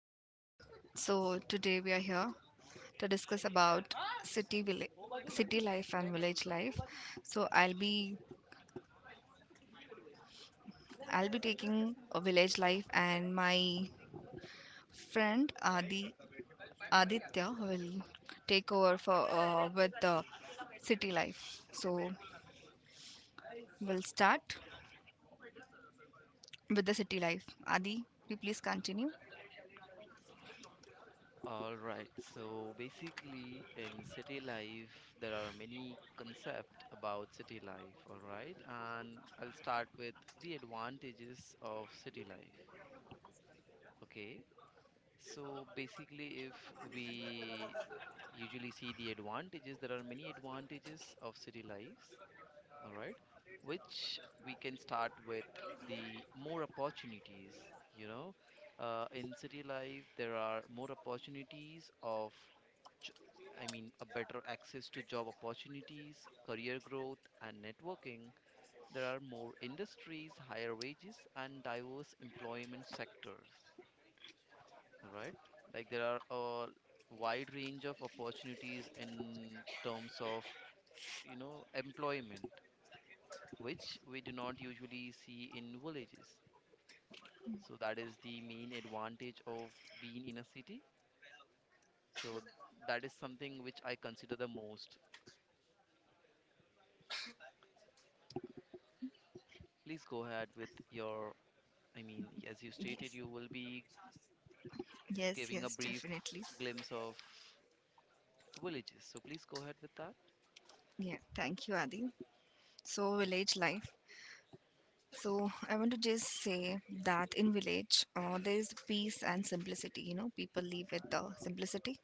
Hello. So today we are here to discuss about city village, city life and village life. So I'll be taking a village life and my friend Aditya will take over for with the city life. So we'll start with the city life. Adi, you please continue. All right. So basically, in city life, there are many concepts about city life. All right. And I'll start with the advantages of city life. Okay. So basically, if we usually see the advantages, there are many advantages of city life, all right, which we can start with the more opportunities, you know, in city life there are more opportunities of j- a better access to job opportunities, career growth, and networking. There are more industries, higher wages, and diverse employment sectors. All right, like there are a wide range of opportunities in terms of, you know, employment, which we do not usually see in villages. So that is the main advantage of being in a city. So that is something which I consider the most. Please go ahead with your, I mean, as you stated, Yes. you will be Yes, giving a yes, brief definitely. glimpse of villages. So please go ahead with that. Yeah, thank you, Adi. So village life. So I want to just say that in village, there is peace and simplicity. You know, people live with the simplicity.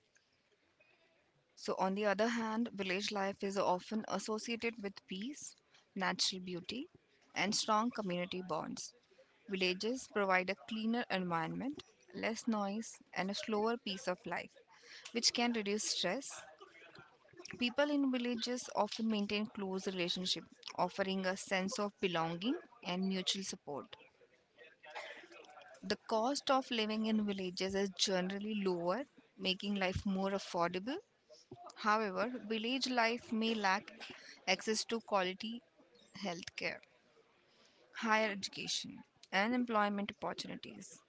So on the other hand, village life is often associated with peace, natural beauty, and strong community bonds. Villages provide a cleaner environment, less noise, and a slower pace of life, which can reduce stress. People in villages often maintain close relationship, offering a sense of belonging and mutual support. The cost of living in villages is generally lower, making life more affordable. However, village life may lack access to quality healthcare, higher education, and employment opportunities,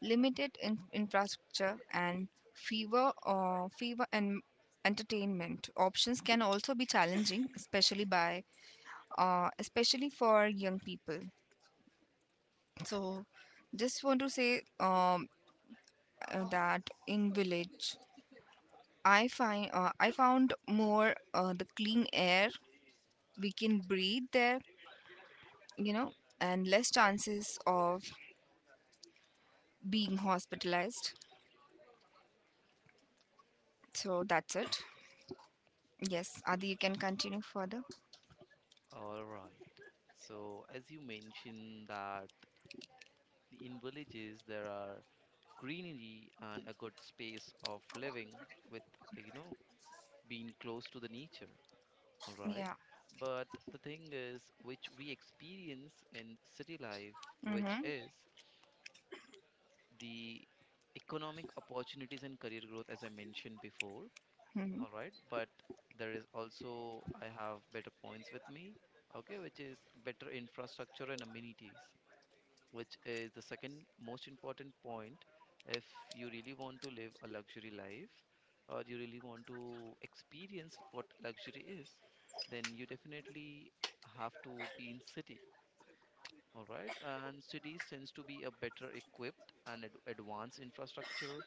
infrastructure, and fewer or fewer and entertainment options can also be challenging, especially for young people. So, just want to say that in village I found more the clean air we can breathe there, you know, and less chances of being hospitalized. So that's it. Yes, Adi, you can continue further. All right. So as you mentioned that in villages there are greenery and a good space of living with, you know, being close to the nature. All right, Yeah. but the thing is which we experience in city life, which Mm-hmm. is the economic opportunities and career growth, as I mentioned before. Hmm. All right, but there is also, I have better points with me. Okay, which is better infrastructure and amenities, which is the second most important point. If you really want to live a luxury life or you really want to experience what luxury is, then you definitely have to be in city. All right, and cities tends to be a better equipped and advanced infrastructure.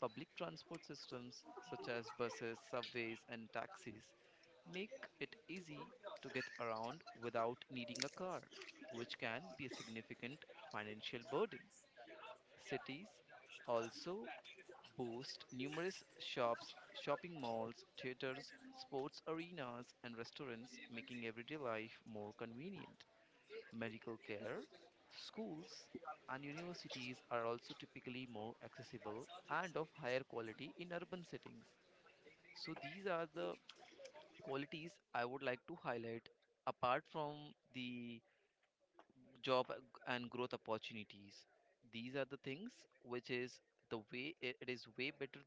Public transport systems such as buses, subways, and taxis make it easy to get around without needing a car, which can be a significant financial burden. Cities also boast numerous shops, shopping malls, theaters, sports arenas, and restaurants, making everyday life more convenient. Medical care, schools, and universities are also typically more accessible and of higher quality in urban settings. So, these are the qualities I would like to highlight apart from the job and growth opportunities. These are the things which is the way it is way better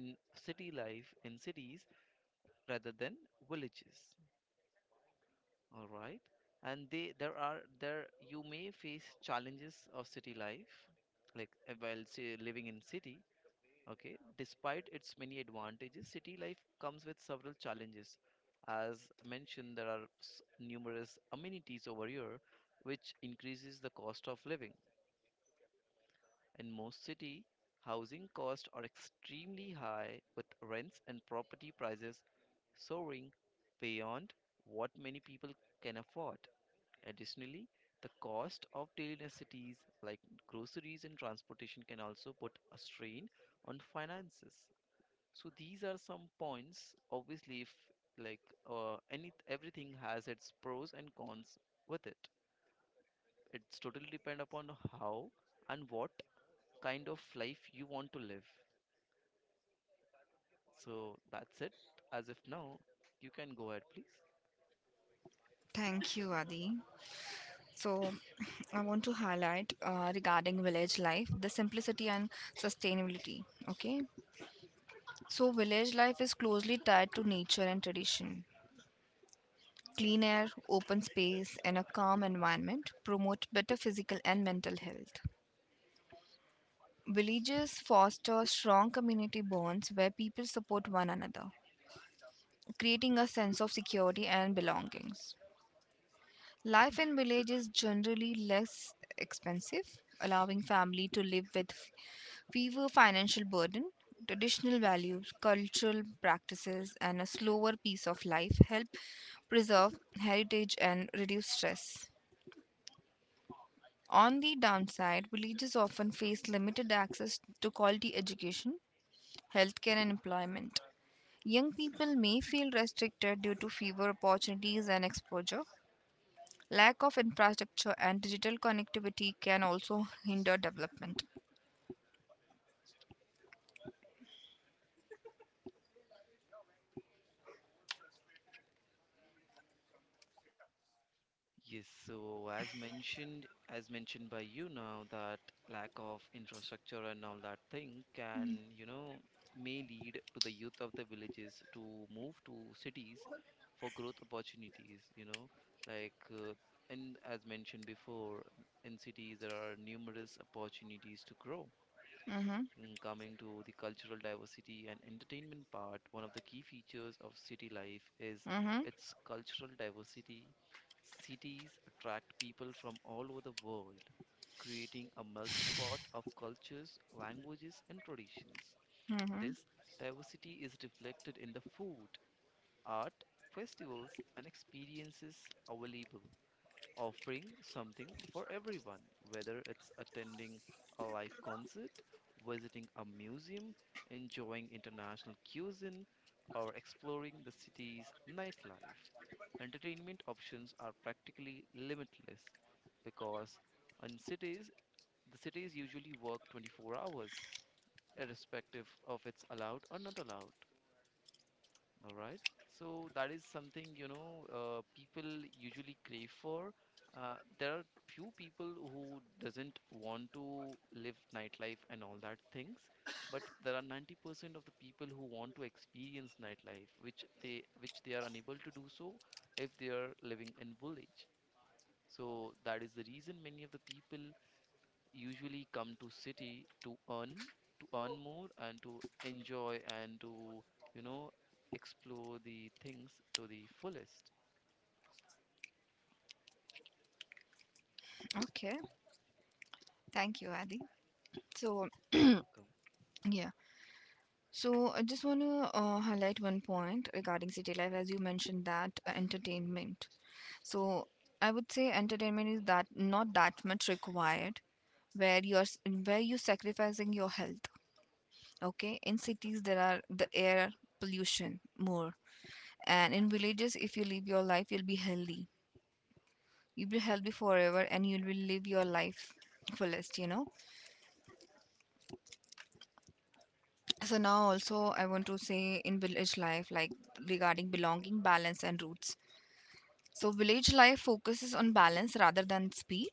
in city life, in cities, rather than villages. All right, and they there are there you may face challenges of city life, like while say, living in city. Okay, despite its many advantages, city life comes with several challenges. As mentioned, there are numerous amenities over here, which increases the cost of living. In most cities, housing costs are extremely high, with rents and property prices soaring beyond what many people can afford. Additionally, the cost of daily necessities like groceries and transportation can also put a strain on finances. So these are some points. Obviously, if like any everything has its pros and cons with it. It's totally depend upon how and what kind of life you want to live. So that's it. As of now, you can go ahead, please. Thank you, Adi. So I want to highlight regarding village life, the simplicity and sustainability. Okay. So village life is closely tied to nature and tradition. Clean air, open space, and a calm environment promote better physical and mental health. Villages foster strong community bonds where people support one another, creating a sense of security and belongings. Life in village is generally less expensive, allowing family to live with fewer financial burden. Traditional values, cultural practices, and a slower pace of life help preserve heritage and reduce stress. On the downside, villages often face limited access to quality education, healthcare, and employment. Young people may feel restricted due to fewer opportunities and exposure. Lack of infrastructure and digital connectivity can also hinder development. Yes, so as mentioned by you now, that lack of infrastructure and all that thing can, you know, may lead to the youth of the villages to move to cities for growth opportunities, you know, like, and as mentioned before, in cities there are numerous opportunities to grow. Mm-hmm. Coming to the cultural diversity and entertainment part, one of the key features of city life is Mm-hmm. its cultural diversity. Cities attract people from all over the world, creating a melting pot of cultures, languages, and traditions. Mm-hmm. This diversity is reflected in the food, art, festivals, and experiences available, offering something for everyone, whether it's attending a live concert, visiting a museum, enjoying international cuisine, or exploring the city's nightlife. Entertainment options are practically limitless because in cities, the cities usually work 24 hours, irrespective of it's allowed or not allowed. All right. So that is something, you know, people usually crave for. There are few people who doesn't want to live nightlife and all that things, but there are 90% of the people who want to experience nightlife, which they are unable to do so if they are living in village. So that is the reason many of the people usually come to city to earn more and to enjoy and to, you know, explore the things to the fullest. Okay. Thank you, Adi. So, You're welcome. yeah. So, I just want to highlight one point regarding city life, as you mentioned that entertainment. So I would say entertainment is that not that much required where you're s- where you're sacrificing your health. Okay, in cities there are the air pollution more, and in villages if you live your life you'll be healthy. You'll be healthy forever, and you will live your life fullest. You know. So now also I want to say in village life like regarding belonging, balance, and roots. So village life focuses on balance rather than speed.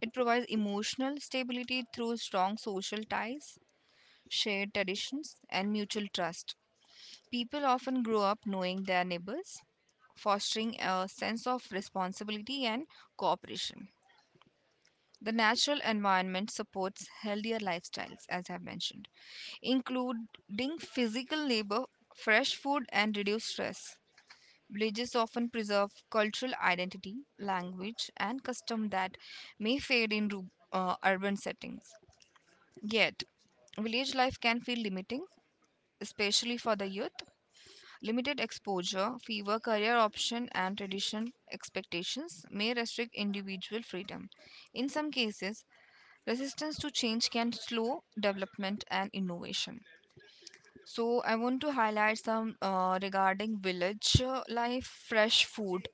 It provides emotional stability through strong social ties, shared traditions, and mutual trust. People often grow up knowing their neighbors, fostering a sense of responsibility and cooperation. The natural environment supports healthier lifestyles, as I've mentioned, including physical labor, fresh food, and reduced stress. Villages often preserve cultural identity, language, and custom that may fade in urban settings. Yet, village life can feel limiting, especially for the youth. Limited exposure, fewer career options, and tradition expectations may restrict individual freedom. In some cases, resistance to change can slow development and innovation. So, I want to highlight some regarding village life, fresh food.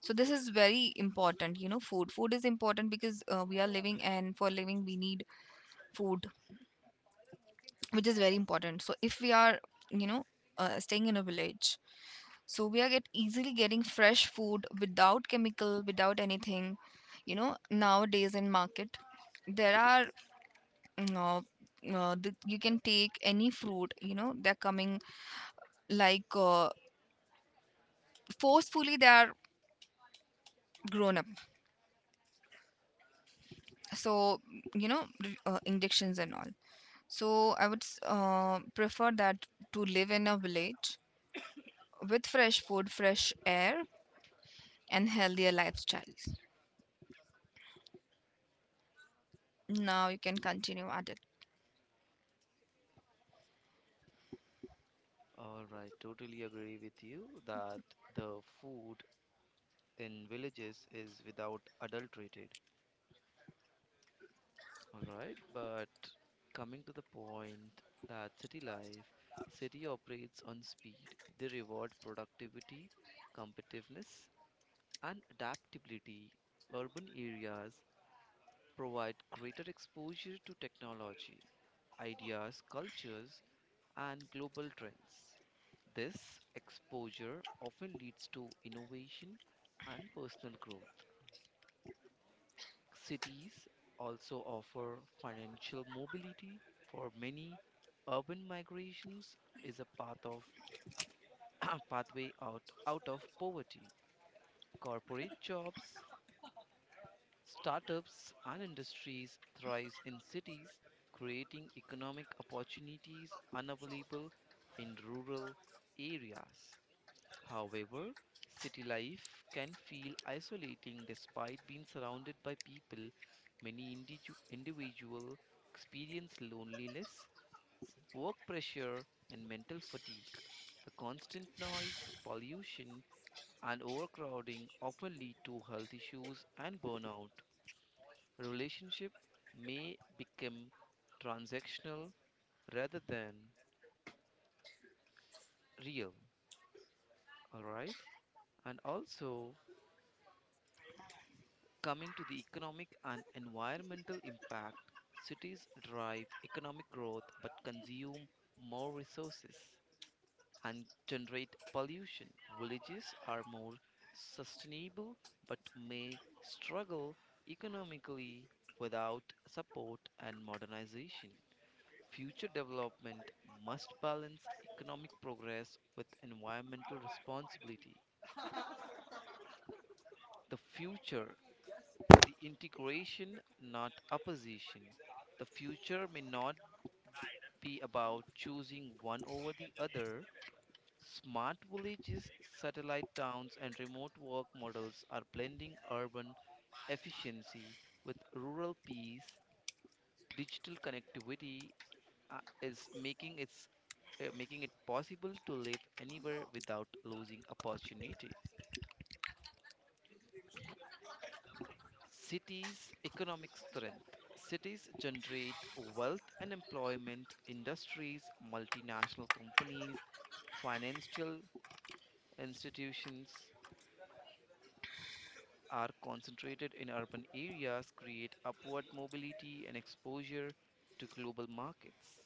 So, this is very important. You know, food. Food is important because we are living, and for living, we need food, which is very important. So if we are, you know, staying in a village, so we are get easily getting fresh food without chemical without anything, you know. Nowadays in market there are you can take any fruit, you know, they're coming like uh, forcefully. They are grown up, so you know injections and all. So I would prefer that to live in a village with fresh food, fresh air, and healthier lifestyles. Now you can continue, Adil. All right, totally agree with you that the food in villages is without adulterated. All right, but coming to the point that city life, city operates on speed. They reward productivity, competitiveness, and adaptability. Urban areas provide greater exposure to technology, ideas, cultures, and global trends. This exposure often leads to innovation and personal growth. Cities also offer financial mobility for many. Urban migrations is a path of pathway out of poverty. Corporate jobs, startups and industries thrive in cities, creating economic opportunities unavailable in rural areas. However, city life can feel isolating despite being surrounded by people. Many individuals experience loneliness, work pressure, and mental fatigue. The constant noise, pollution, and overcrowding often lead to health issues and burnout. Relationship may become transactional rather than real. All right, and also coming to the economic and environmental impact, cities drive economic growth but consume more resources and generate pollution. Villages are more sustainable but may struggle economically without support and modernization. Future development must balance economic progress with environmental responsibility. The future, the integration, not opposition. The future may not be about choosing one over the other. Smart villages, satellite towns, and remote work models are blending urban efficiency with rural peace. Digital connectivity, is making it possible to live anywhere without losing opportunity. Cities' economic strength. Cities generate wealth and employment. Industries, multinational companies, financial institutions are concentrated in urban areas, create upward mobility and exposure to global markets.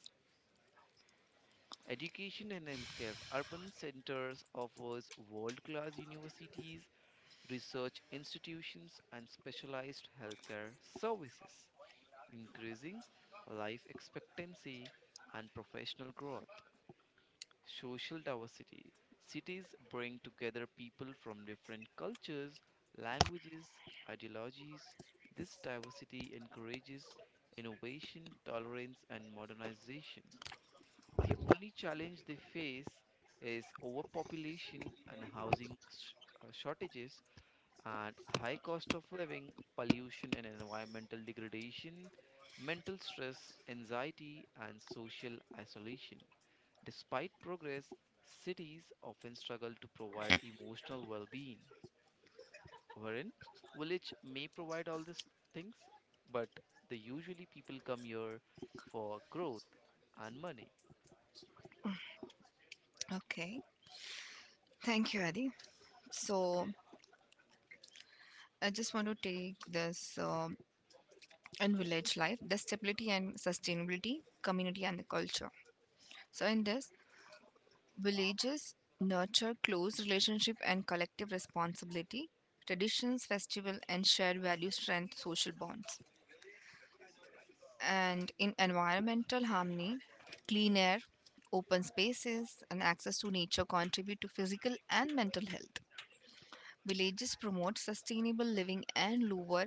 Education and healthcare. Urban centers offers world-class universities, research institutions, and specialized healthcare services, increasing life expectancy and professional growth. Social diversity. Cities bring together people from different cultures, languages, ideologies. This diversity encourages innovation, tolerance, and modernization. The only challenge they face is overpopulation and housing shortages and high cost of living, pollution and environmental degradation, mental stress, anxiety, and social isolation. Despite progress, cities often struggle to provide emotional well being, wherein village may provide all these things, but they usually people come here for growth and money. Okay, thank you, Adi. So I just want to take this in village life, the stability and sustainability, community and the culture. So in this, villages nurture close relationship and collective responsibility, traditions, festival and shared values, strength social bonds. And in environmental harmony, clean air, open spaces and access to nature contribute to physical and mental health. Villages promote sustainable living and lower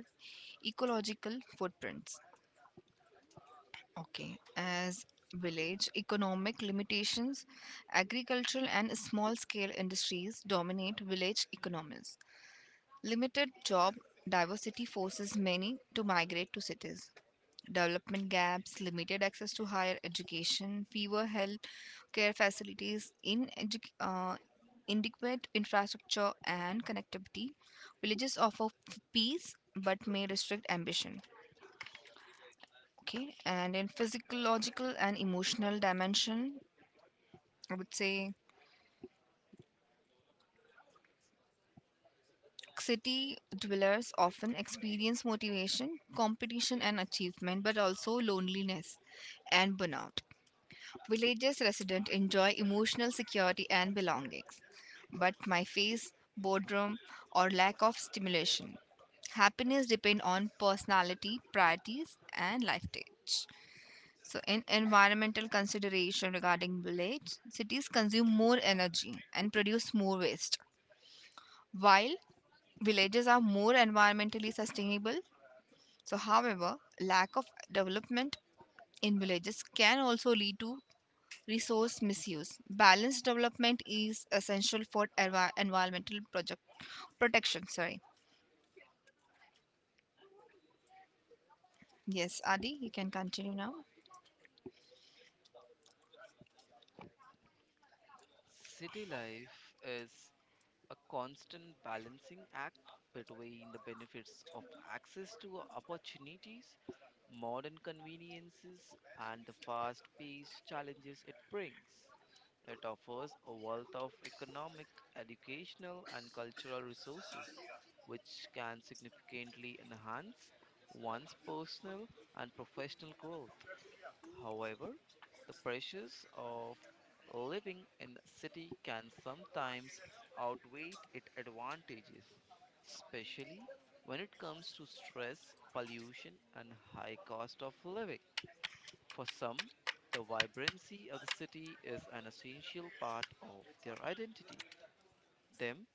ecological footprints. Okay, as village economic limitations, agricultural and small scale industries dominate village economies. Limited job diversity forces many to migrate to cities development gaps, limited access to higher education, fewer health care facilities, in uh, inadequate infrastructure and connectivity. Villages offer peace but may restrict ambition. Okay, and in physiological and emotional dimension, I would say city dwellers often experience motivation, competition, and achievement, but also loneliness and burnout. Villages resident enjoy emotional security and belongings, but my face, boredom, or lack of stimulation. Happiness depend on personality, priorities, and life stage. So, in environmental consideration regarding village, cities consume more energy and produce more waste, while villages are more environmentally sustainable. So, however, lack of development in villages can also lead to resource misuse. Balanced development is essential for environmental project protection. Sorry. Yes, Adi, you can continue now. City life is a constant balancing act between the benefits of access to opportunities, modern conveniences, and the fast paced challenges it brings. It offers a wealth of economic, educational, and cultural resources, which can significantly enhance one's personal and professional growth. However, the pressures of living in the city can sometimes outweigh its advantages, especially when it comes to stress, pollution, and high cost of living. For some, the vibrancy of the city is an essential part of their identity, them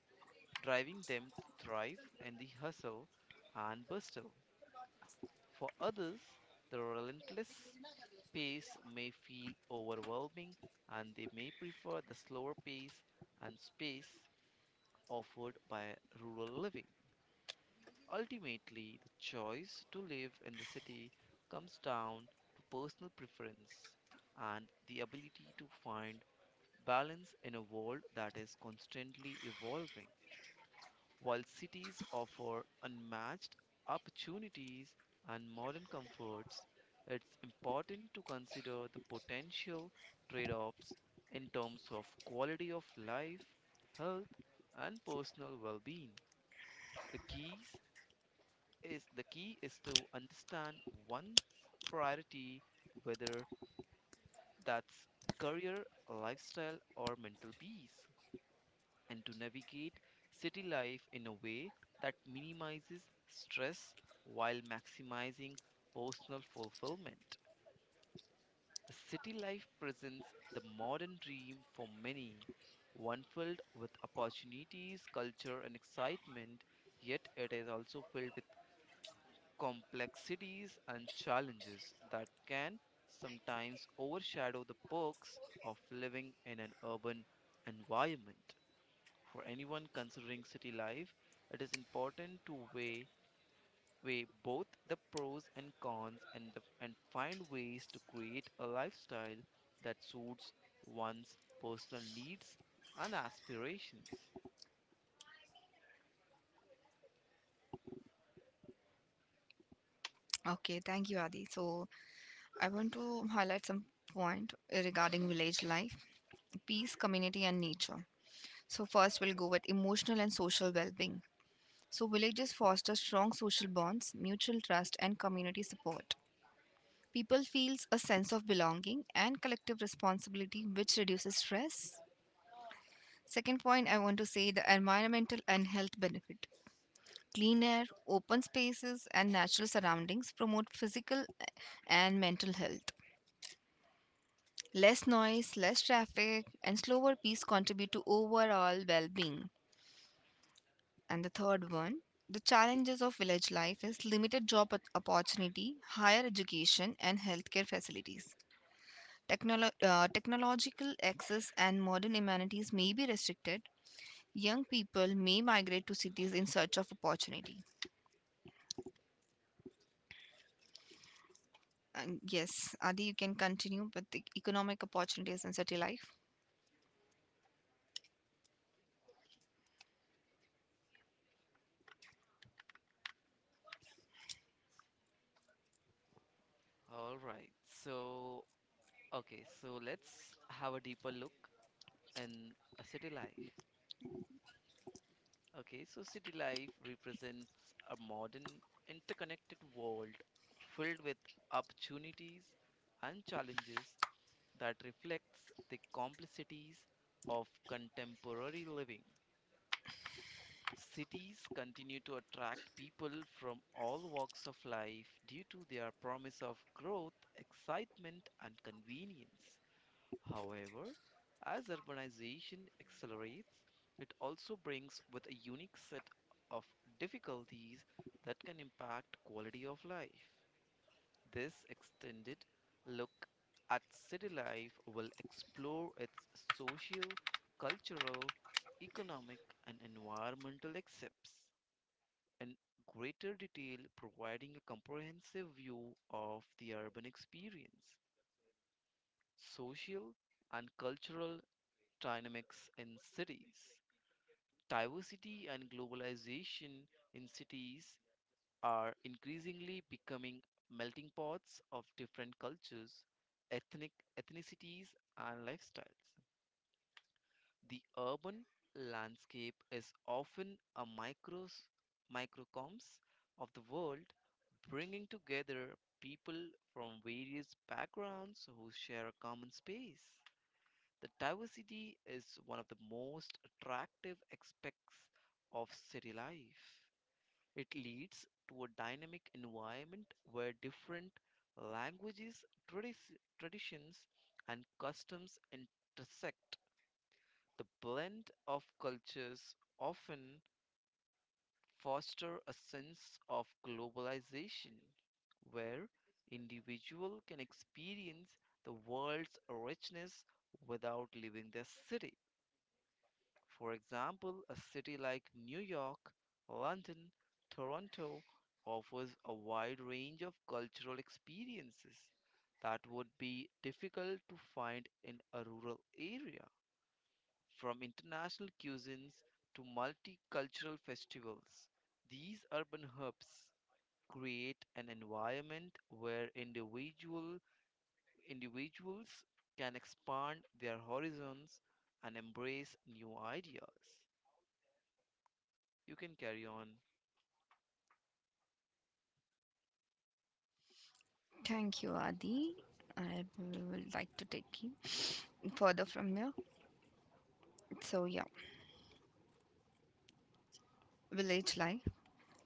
driving them to thrive in the hustle and bustle. For others, the relentless pace may feel overwhelming and they may prefer the slower pace and space offered by rural living. Ultimately, the choice to live in the city comes down to personal preference and the ability to find balance in a world that is constantly evolving. While cities offer unmatched opportunities and modern comforts, it's important to consider the potential trade offs in terms of quality of life, health, and personal well being. The, keys the key is to understand one's priority, whether that's career, lifestyle, or mental peace, and to navigate city life in a way that minimizes stress while maximizing personal fulfillment. The city life presents the modern dream for many, one filled with opportunities, culture, and excitement, yet it is also filled with complexities and challenges that can sometimes overshadow the perks of living in an urban environment. For anyone considering city life, it is important to weigh both the pros and cons, and find ways to create a lifestyle that suits one's personal needs and aspirations. Okay, thank you, Adi. So I want to highlight some point regarding village life, peace, community, and nature. So first, we'll go with emotional and social well-being. So villages foster strong social bonds, mutual trust, and community support. People feels a sense of belonging and collective responsibility, which reduces stress. Second point, I want to say the environmental and health benefit. Clean air, open spaces, and natural surroundings promote physical and mental health. Less noise, less traffic, and slower pace contribute to overall well being. And the third one, the challenges of village life is limited opportunity, higher education, and healthcare facilities. Technological access and modern amenities may be restricted. Young people may migrate to cities in search of opportunity. And yes, Adi, you can continue with the economic opportunities in city life. All right. So, okay, so let's have a deeper look in a city life. Okay, so city life represents a modern interconnected world filled with opportunities and challenges that reflects the complexities of contemporary living. Cities continue to attract people from all walks of life due to their promise of growth, excitement, and convenience. However, as urbanization accelerates, it also brings with a unique set of difficulties that can impact quality of life. This extended look at city life will explore its social, cultural, economic, and environmental aspects in greater detail, providing a comprehensive view of the urban experience, social, and cultural dynamics in cities. Diversity and globalization in cities are increasingly becoming melting pots of different cultures, ethnic ethnicities, and lifestyles. The urban landscape is often a microcosm of the world, bringing together people from various backgrounds who share a common space. The diversity is one of the most attractive aspects of city life. It leads to a dynamic environment where different languages, traditions, and customs intersect. The blend of cultures often foster a sense of globalization where individual can experience the world's richness without leaving their city. For example, a city like New York, London, Toronto offers a wide range of cultural experiences that would be difficult to find in a rural area. From international cuisines to multicultural festivals, these urban hubs create an environment where individuals can expand their horizons and embrace new ideas. You can carry on. Thank you, Adi. I will like to take you further from here. So, yeah, village life.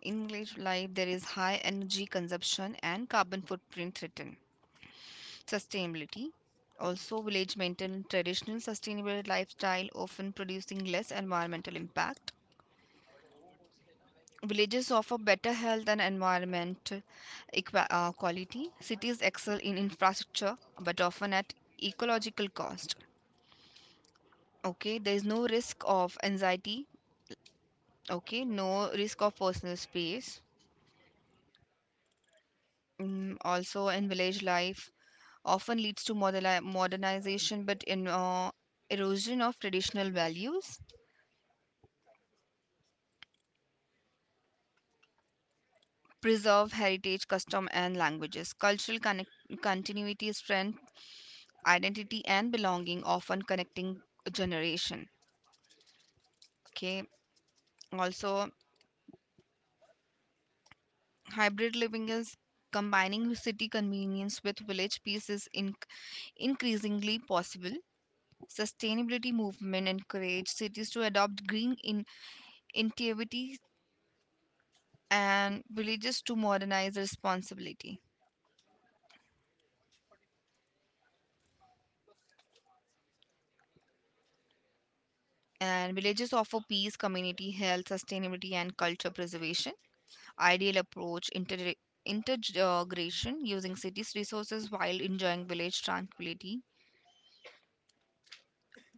In village life, there is high energy consumption and carbon footprint threatened. Sustainability. Also, village maintain traditional sustainable lifestyle, often producing less environmental impact. Villages offer better health and environment quality. Cities excel in infrastructure but often at ecological cost. Okay, there is no risk of anxiety. Okay, no risk of personal space. Mm, also, in village life, often leads to modernization but in erosion of traditional values, preserve heritage custom and languages cultural continuity is strength, identity and belonging, often connecting a generation. Okay, also hybrid living is combining city convenience with village peace is increasingly possible. Sustainability movement encourage cities to adopt green in initiatives and villages to modernize responsibility, and villages offer peace, community, health, sustainability and culture preservation. Ideal approach integration, using city's resources while enjoying village tranquility.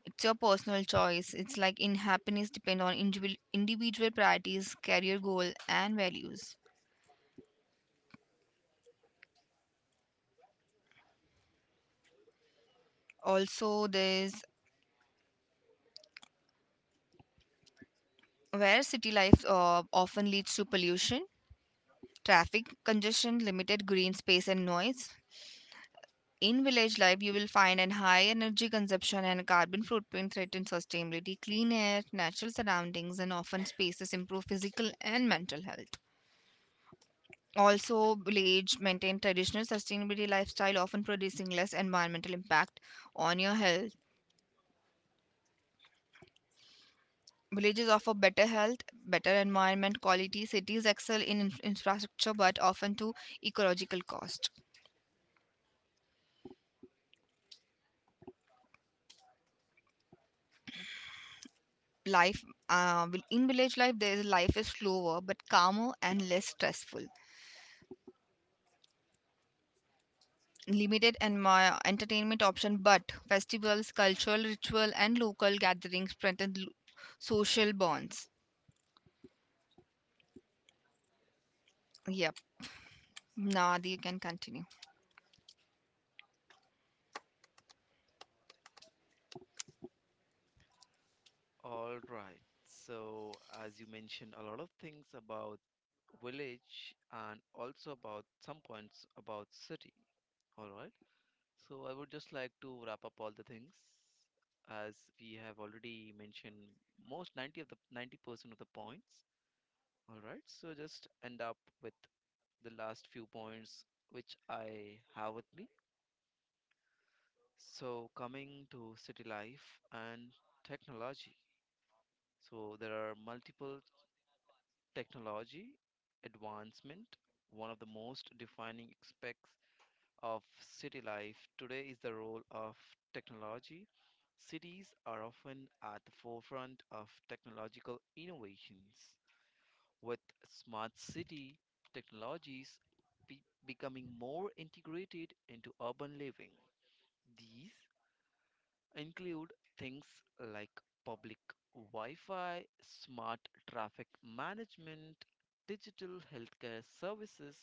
It's your personal choice. It's like in happiness depend on individual priorities, career goal and values. Also there's where city life often leads to pollution, traffic congestion, limited green space and noise. In village life, you will find an high energy consumption and carbon footprint threaten sustainability. Clean air, natural surroundings, and often spaces improve physical and mental health. Also, village maintain traditional sustainability lifestyle, often producing less environmental impact on your health. Villages offer better health, better environment quality. Cities excel in infrastructure, but often to ecological cost. Life in village life, there is life is slower but calmer and less stressful. Limited and my entertainment option but festivals, cultural ritual and local gatherings strengthen social bonds. Yep, now Adi you can continue. All right. So, as you mentioned, a lot of things about village and also about some points about city. All right. So, I would just like to wrap up all the things as we have already mentioned most 90 of the 90% of the points. All right. So, just end up with the last few points which I have with me. So, coming to city life and technology. So there are multiple technology advancement, one of the most defining aspects of city life today is the role of technology. Cities are often at the forefront of technological innovations. With smart city technologies becoming more integrated into urban living, these include things like public Wi Fi, smart traffic management, digital healthcare services,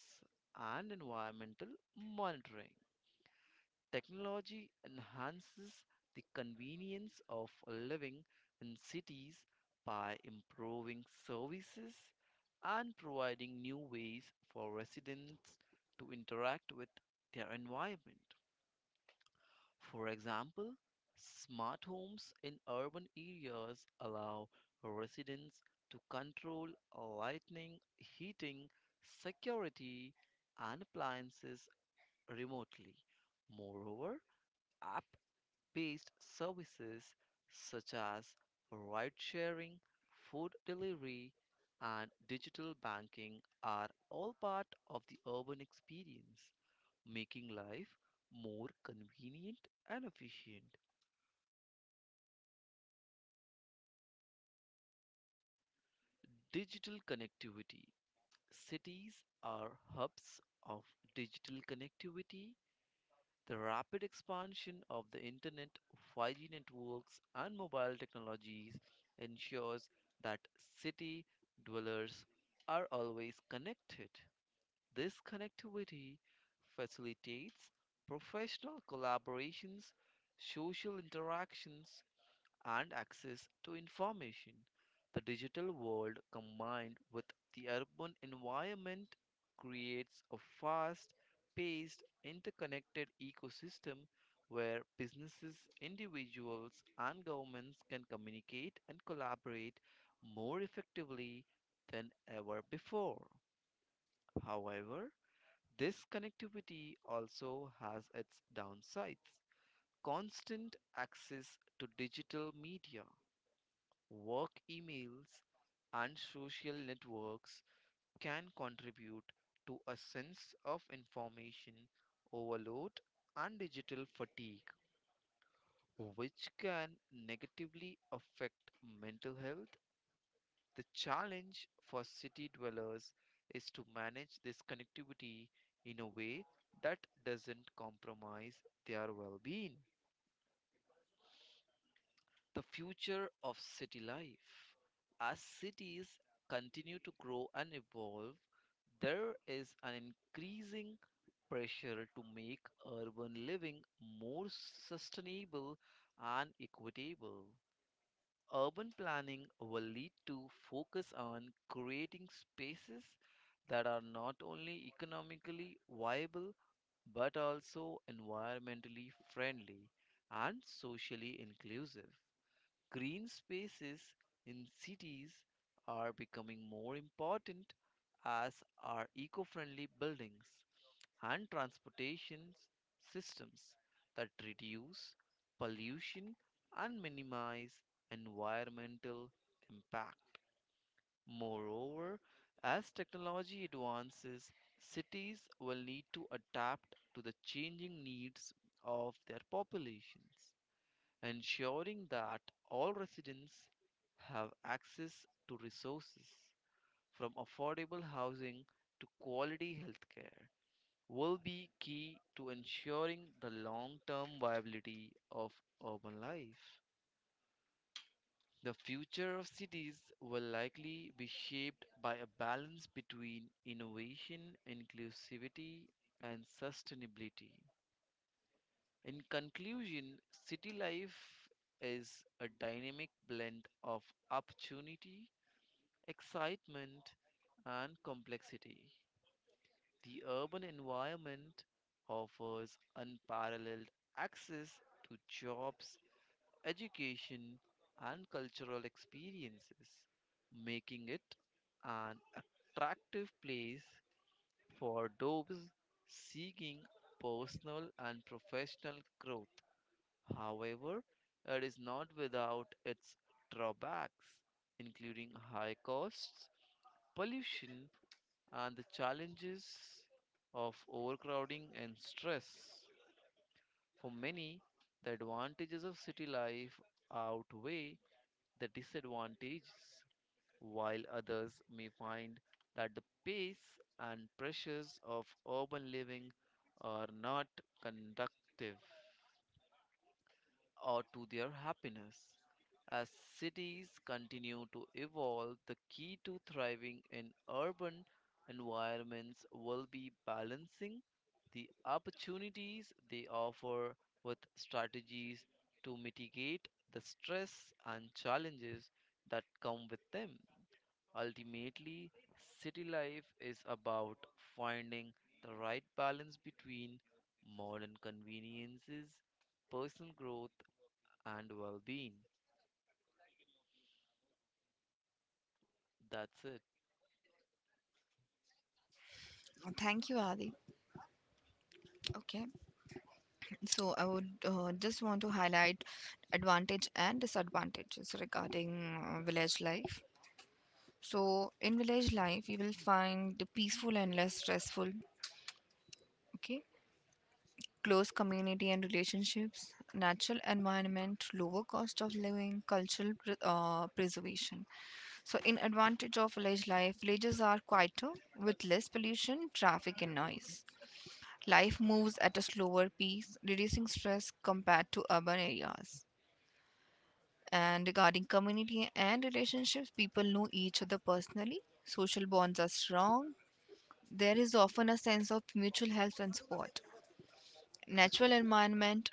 and environmental monitoring. Technology enhances the convenience of living in cities by improving services and providing new ways for residents to interact with their environment. For example, smart homes in urban areas allow residents to control lighting, heating, security, and appliances remotely. Moreover, app based services such as ride sharing, food delivery, and digital banking are all part of the urban experience, making life more convenient and efficient. Digital connectivity. Cities are hubs of digital connectivity. The rapid expansion of the internet, 5G networks, and mobile technologies ensures that city dwellers are always connected. This connectivity facilitates professional collaborations, social interactions, and access to information. The digital world combined with the urban environment creates a fast paced, interconnected ecosystem where businesses, individuals, and governments can communicate and collaborate more effectively than ever before. However, this connectivity also has its downsides. Constant access to digital media, work emails and social networks can contribute to a sense of information overload and digital fatigue, which can negatively affect mental health. The challenge for city dwellers is to manage this connectivity in a way that doesn't compromise their well being. The future of city life. As cities continue to grow and evolve, there is an increasing pressure to make urban living more sustainable and equitable. Urban planning will lead to focus on creating spaces that are not only economically viable but also environmentally friendly and socially inclusive. Green spaces in cities are becoming more important as are eco friendly buildings and transportation systems that reduce pollution and minimize environmental impact. Moreover, as technology advances, cities will need to adapt to the changing needs of their populations ensuring that all residents have access to resources from affordable housing to quality healthcare will be key to ensuring the long-term viability of urban life. The future of cities will likely be shaped by a balance between innovation, inclusivity, and sustainability. In conclusion, city life is a dynamic blend of opportunity, excitement, and complexity. The urban environment offers unparalleled access to jobs, education, and cultural experiences, making it an attractive place for those seeking personal and professional growth. However, it is not without its drawbacks, including high costs, pollution, and the challenges of overcrowding and stress. For many, the advantages of city life outweigh the disadvantages, while others may find that the pace and pressures of urban living are not conductive or to their happiness. As cities continue to evolve, the key to thriving in urban environments will be balancing the opportunities they offer with strategies to mitigate the stress and challenges that come with them. Ultimately, city life is about finding the right balance between modern conveniences, personal growth, and well-being. That's it. Thank you, Adi. Okay, so I would just want to highlight advantage and disadvantages regarding village life. So in village life you will find the peaceful and less stressful. Okay, close community and relationships, natural environment, lower cost of living, preservation. So, in advantage of village life, villages are quieter with less pollution, traffic, and noise. Life moves at a slower pace, reducing stress compared to urban areas. And regarding community and relationships, people know each other personally. Social bonds are strong. There is often a sense of mutual help and support. Natural environment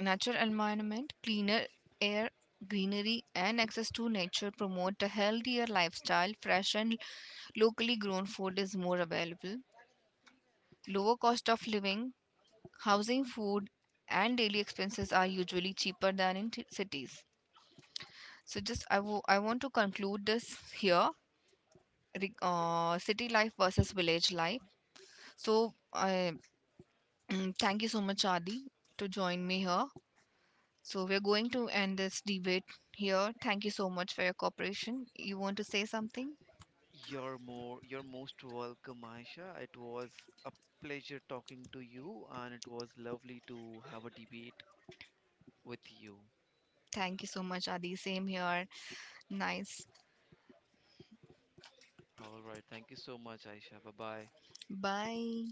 Natural environment, cleaner air, greenery, and access to nature promote a healthier lifestyle. Fresh and locally grown food is more available. Lower cost of living, housing, food, and daily expenses are usually cheaper than in cities. So, just I want to conclude this here. City life versus village life. So, I thank you so much, Adi, to join me here. So we're going to end this debate here. Thank you so much for your cooperation. You want to say something? You're most welcome, Aisha. It was a pleasure talking to you, and it was lovely to have a debate with you. Thank you so much, Adi. Same here. Nice. All right, thank you so much, Aisha. Bye-bye. Bye.